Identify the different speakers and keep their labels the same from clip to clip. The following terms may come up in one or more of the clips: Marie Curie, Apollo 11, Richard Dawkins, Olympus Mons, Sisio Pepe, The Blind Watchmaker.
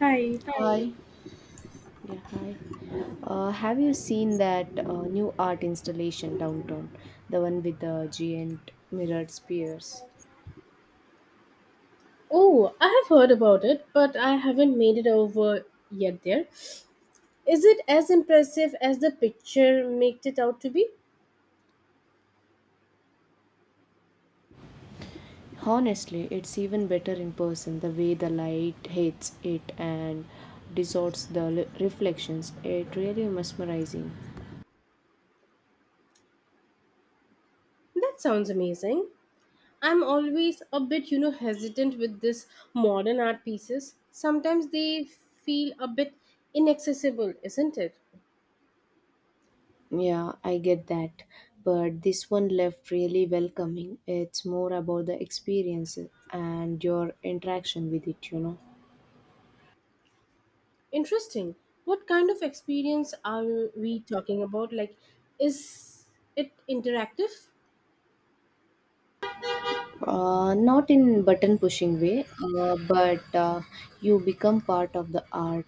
Speaker 1: Hi.
Speaker 2: Hi. Hi. Yeah, hi. Have you seen that new art installation downtown? The one with the giant mirrored spheres.
Speaker 1: Oh, I have heard about it, but I haven't made it over yet there. Is it as impressive as the picture made it out to be?
Speaker 2: Honestly, it's even better in person. The way the light hits it and distorts the reflections, it really mesmerizing.
Speaker 1: That sounds amazing. I'm always a bit, hesitant with this modern art pieces. Sometimes they feel a bit inaccessible, isn't it?
Speaker 2: Yeah, I get that. But this one left really welcoming. It's more about the experience and your interaction with it.
Speaker 1: Interesting. What kind of experience are we talking about? Like is it interactive?
Speaker 2: Not in button pushing way, but you become part of the art.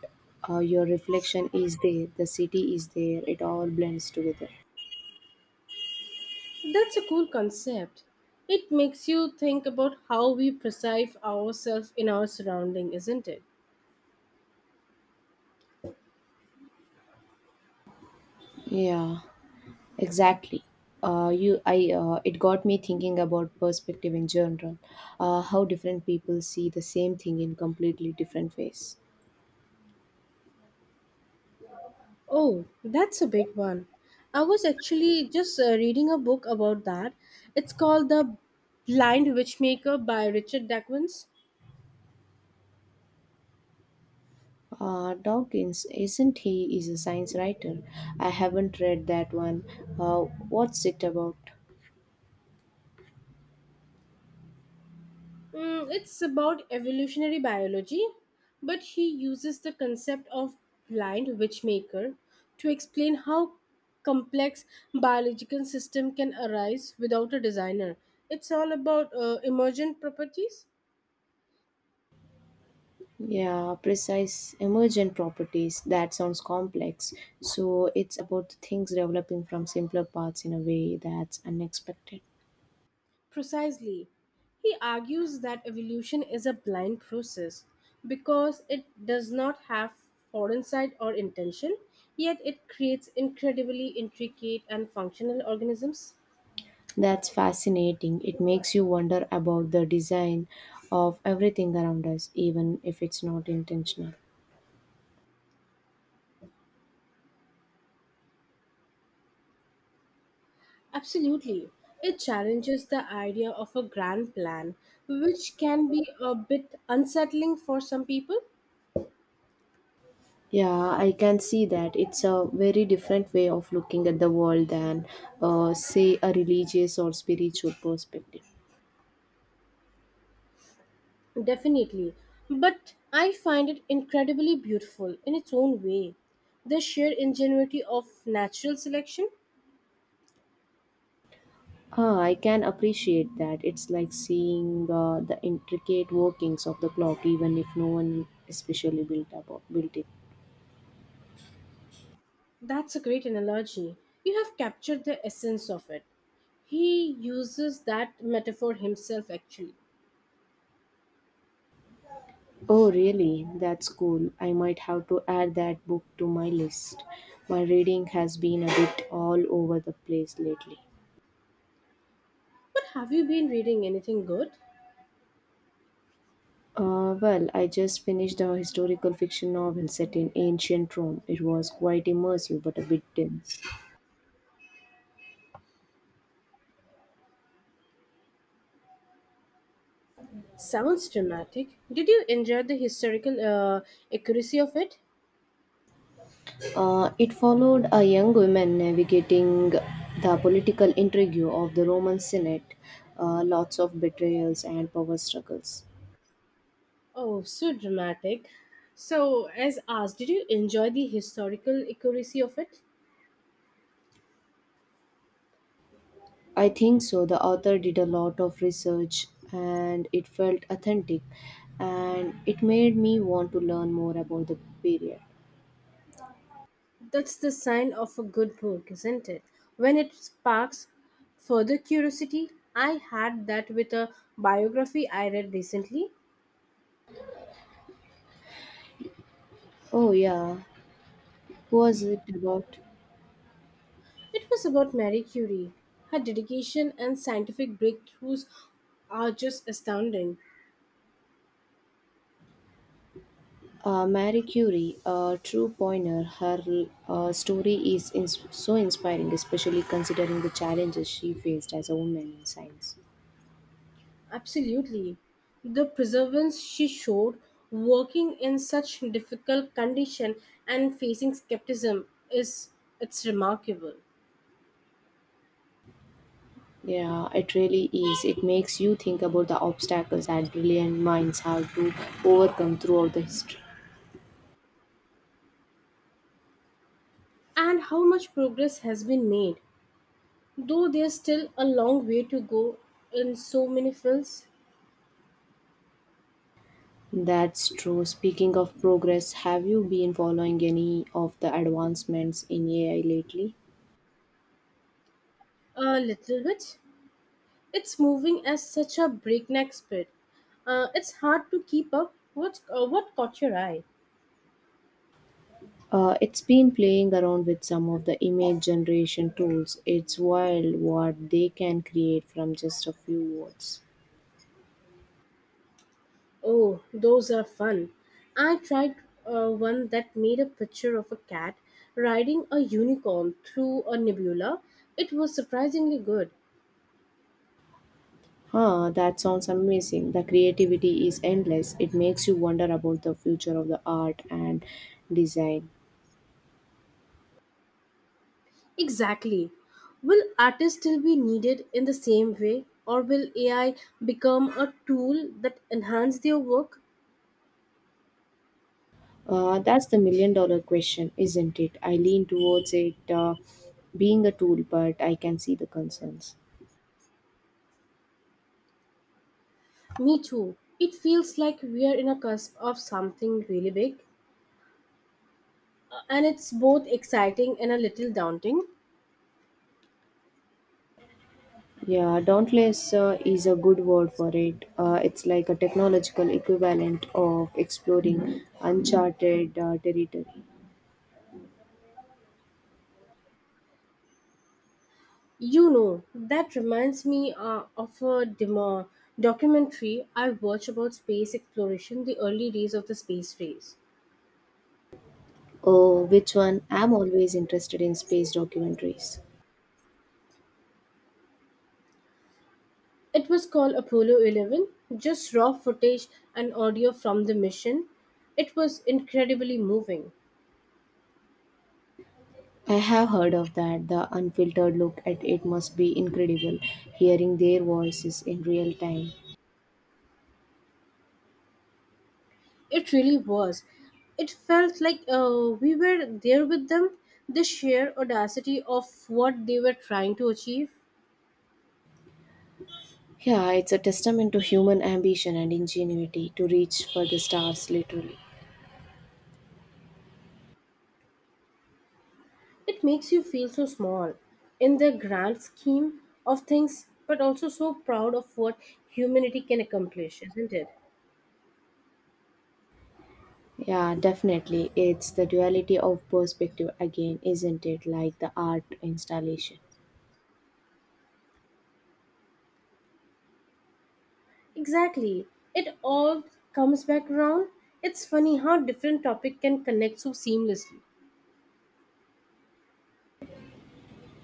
Speaker 2: Your reflection is there, the city is there, it all blends together.
Speaker 1: That's a cool concept. It makes you think about how we perceive ourselves in our surrounding, isn't it?
Speaker 2: Yeah, exactly. It got me thinking about perspective in general, how different people see the same thing in completely different ways.
Speaker 1: Oh, that's a big one. I was actually just reading a book about that. It's called The Blind Witchmaker by Richard Dawkins.
Speaker 2: Dawkins, isn't he? Is a science writer. I haven't read that one. Uh, what's it about?
Speaker 1: It's about evolutionary biology, but he uses the concept of blind witchmaker to explain how complex biological system can arise without a designer. It's all about emergent properties.
Speaker 2: Yeah, precise emergent properties. That sounds complex. So it's about things developing from simpler parts in a way that's unexpected.
Speaker 1: Precisely. He argues that evolution is a blind process because it does not have foresight or intention, yet it creates incredibly intricate and functional organisms.
Speaker 2: That's fascinating. It makes you wonder about the design of everything around us, even if it's not intentional.
Speaker 1: Absolutely. It challenges the idea of a grand plan, which can be a bit unsettling for some people.
Speaker 2: Yeah, I can see that. It's a very different way of looking at the world than, say, a religious or spiritual perspective.
Speaker 1: Definitely. But I find it incredibly beautiful in its own way. The sheer ingenuity of natural selection?
Speaker 2: Ah, I can appreciate that. It's like seeing the intricate workings of the clock, even if no one especially built it.
Speaker 1: That's a great analogy. You have captured the essence of it. He uses that metaphor himself, actually.
Speaker 2: Oh, really? That's cool. I might have to add that book to my list. My reading has been a bit all over the place lately.
Speaker 1: But have you been reading anything good?
Speaker 2: Well, I just finished a historical fiction novel set in ancient Rome. It was quite immersive, but a bit dense.
Speaker 1: Sounds dramatic. Did you enjoy the historical accuracy of it?
Speaker 2: It followed a young woman navigating the political intrigue of the Roman Senate, lots of betrayals and power struggles.
Speaker 1: Oh, so dramatic. So, as asked, did you enjoy the historical accuracy of it?
Speaker 2: I think so. The author did a lot of research and it felt authentic and it made me want to learn more about the period.
Speaker 1: That's the sign of a good book, isn't it? When it sparks further curiosity, I had that with a biography I read recently.
Speaker 2: Oh, yeah. Who was it about?
Speaker 1: It was about Marie Curie. Her dedication and scientific breakthroughs are just astounding.
Speaker 2: Marie Curie, a true pioneer, her story is so inspiring, especially considering the challenges she faced as a woman in science.
Speaker 1: Absolutely. The perseverance she showed working in such difficult condition and facing skepticism is it's remarkable.
Speaker 2: Yeah, it really is. It makes you think about the obstacles that brilliant minds have to overcome throughout the history.
Speaker 1: And how much progress has been made. Though there's still a long way to go in so many fields,
Speaker 2: That's true. Speaking of progress, have you been following any of the advancements in AI lately?
Speaker 1: a little bit. It's moving at such a breakneck speed. It's hard to keep up. What caught your eye?
Speaker 2: It's been playing around with some of the image generation tools. It's wild what they can create from just a few words.
Speaker 1: Oh, those are fun. I tried one that made a picture of a cat riding a unicorn through a nebula. It was surprisingly good.
Speaker 2: Huh, that sounds amazing. The creativity is endless. It makes you wonder about the future of the art and design.
Speaker 1: Exactly. Will artists still be needed in the same way, or will AI become a tool that enhances their work?
Speaker 2: That's the million dollar question, isn't it? I lean towards it being a tool, but I can see the concerns.
Speaker 1: Me too. It feels like we are in a cusp of something really big, and it's both exciting and a little daunting.
Speaker 2: Yeah, dauntless is a good word for it. It's like a technological equivalent of exploring uncharted territory.
Speaker 1: You know, that reminds me of a documentary I watched about space exploration, the early days of the space race.
Speaker 2: Oh, which one? I'm always interested in space documentaries.
Speaker 1: It was called Apollo 11, just raw footage and audio from the mission. It was incredibly moving.
Speaker 2: I have heard of that. The unfiltered look at it must be incredible, hearing their voices in real time.
Speaker 1: It really was. It felt like we were there with them, the sheer audacity of what they were trying to achieve.
Speaker 2: Yeah, it's a testament to human ambition and ingenuity to reach for the stars, literally.
Speaker 1: It makes you feel so small in the grand scheme of things, but also so proud of what humanity can accomplish, isn't it?
Speaker 2: Yeah, definitely. It's the duality of perspective again, isn't it? Like the art installation.
Speaker 1: Exactly. It all comes back around. It's funny how different topic can connect so seamlessly.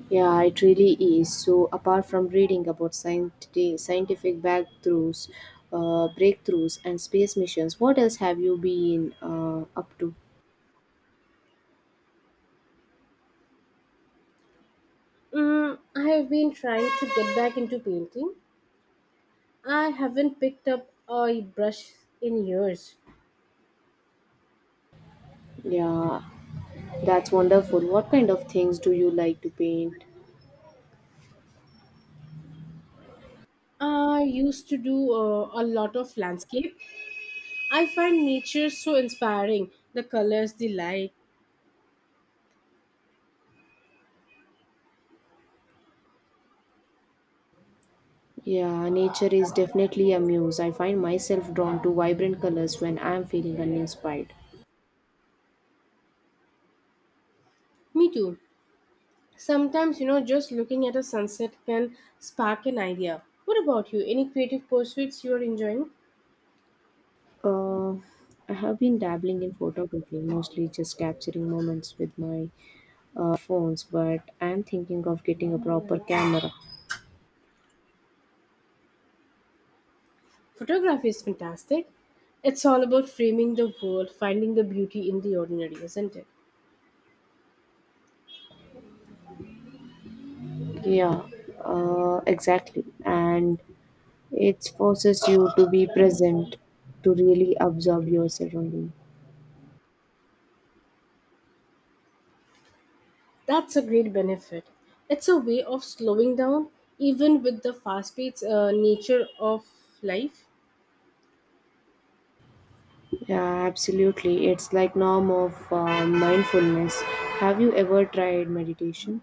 Speaker 2: Yeah, it really is. So, apart from reading about scientific breakthroughs and space missions, what else have you been up to?
Speaker 1: I have been trying to get back into painting. I haven't picked up a brush in years.
Speaker 2: Yeah, that's wonderful. What kind of things do you like to paint?
Speaker 1: I used to do a lot of landscape. I find nature so inspiring the colors, the light.
Speaker 2: Yeah, nature is definitely a muse. I find myself drawn to vibrant colors when I am feeling uninspired.
Speaker 1: Me too. Sometimes, you know, just looking at a sunset can spark an idea. What about you? Any creative pursuits you are enjoying?
Speaker 2: Uh, I have been dabbling in photography, mostly just capturing moments with my phones, but I'm thinking of getting a proper camera.
Speaker 1: Photography is fantastic. It's all about framing the world, finding the beauty in the ordinary, isn't it?
Speaker 2: Yeah, exactly. And it forces you to be present, to really absorb your surroundings.
Speaker 1: That's a great benefit. It's a way of slowing down, even with the fast paced nature of life.
Speaker 2: Yeah, absolutely. It's like norm of mindfulness. Have you ever tried meditation?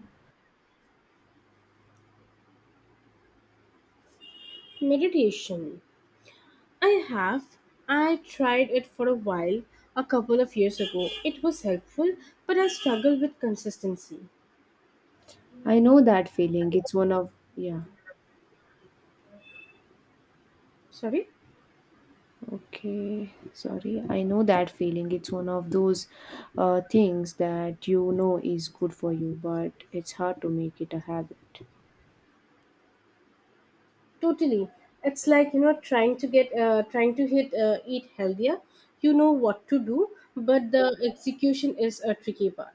Speaker 1: Meditation. I have. I tried it for a while a couple of years ago. It was helpful, but I struggle with consistency.
Speaker 2: I know that feeling. It's one of yeah.
Speaker 1: Sorry?
Speaker 2: Okay, sorry. I know that feeling. It's one of those things that you know is good for you, but it's hard to make it a habit.
Speaker 1: Totally. It's like, you know, trying to eat healthier. You know what to do, but the execution is a tricky part.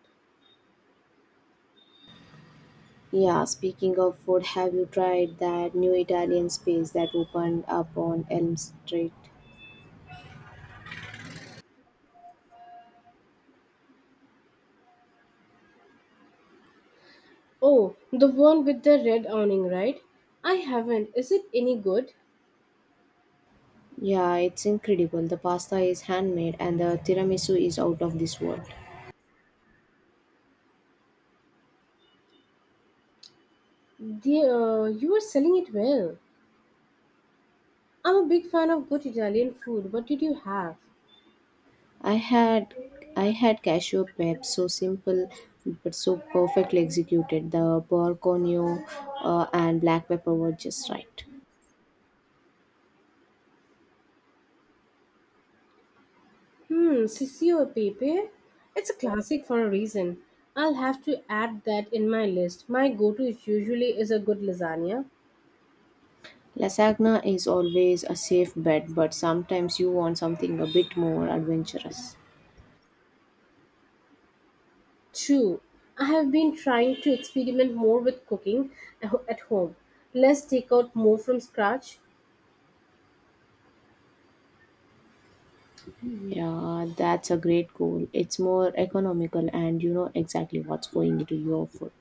Speaker 2: Yeah, speaking of food, have you tried that new Italian space that opened up on Elm Street?
Speaker 1: Oh, the one with the red awning, right? I haven't. Is it any good?
Speaker 2: Yeah, it's incredible. The pasta is handmade and the tiramisu is out of this world.
Speaker 1: You are selling it well. I'm a big fan of good Italian food. What did you have?
Speaker 2: I had I had cashew peps, so simple but so perfectly executed. The borconio and black pepper were just right.
Speaker 1: Hmm, Sisio Pepe? It's a classic for a reason. I'll have to add that in my list. My go to usually is a good lasagna.
Speaker 2: Lasagna is always a safe bet, but sometimes you want something a bit more adventurous.
Speaker 1: True, I have been trying to experiment more with cooking at home. Less takeout, more from scratch.
Speaker 2: Yeah, that's a great goal. It's more economical and you know exactly what's going into your food.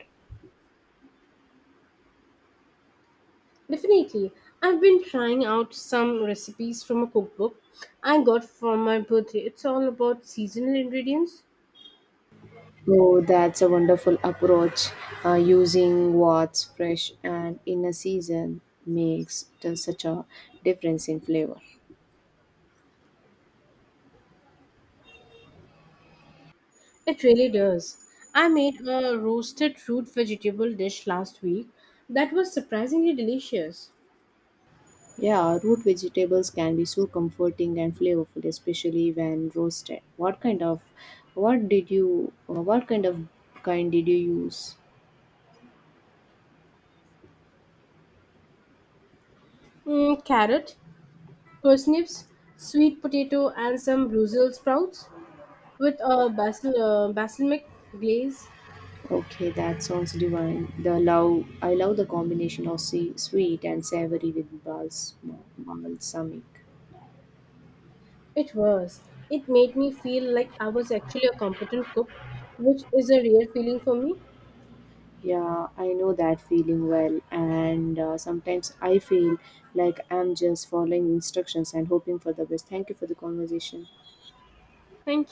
Speaker 1: Definitely, I've been trying out some recipes from a cookbook I got for my birthday. It's all about seasonal ingredients.
Speaker 2: Oh, that's a wonderful approach. Using what's fresh and in a season makes such a difference in flavor.
Speaker 1: It really does. I made a roasted root vegetable dish last week that was surprisingly delicious.
Speaker 2: Yeah, root vegetables can be so comforting and flavorful, especially when roasted. What kind did you use?
Speaker 1: Carrot, parsnips, sweet potato, and some Brussels sprouts with a basil balsamic glaze.
Speaker 2: Okay, that sounds divine. I love the combination of sweet and savory with balsamic.
Speaker 1: It was it made me feel like I was actually a competent cook, which is a rare feeling for me.
Speaker 2: Yeah, I know that feeling well, and sometimes I feel like I'm just following instructions and hoping for the best. Thank you for the conversation.
Speaker 1: Thank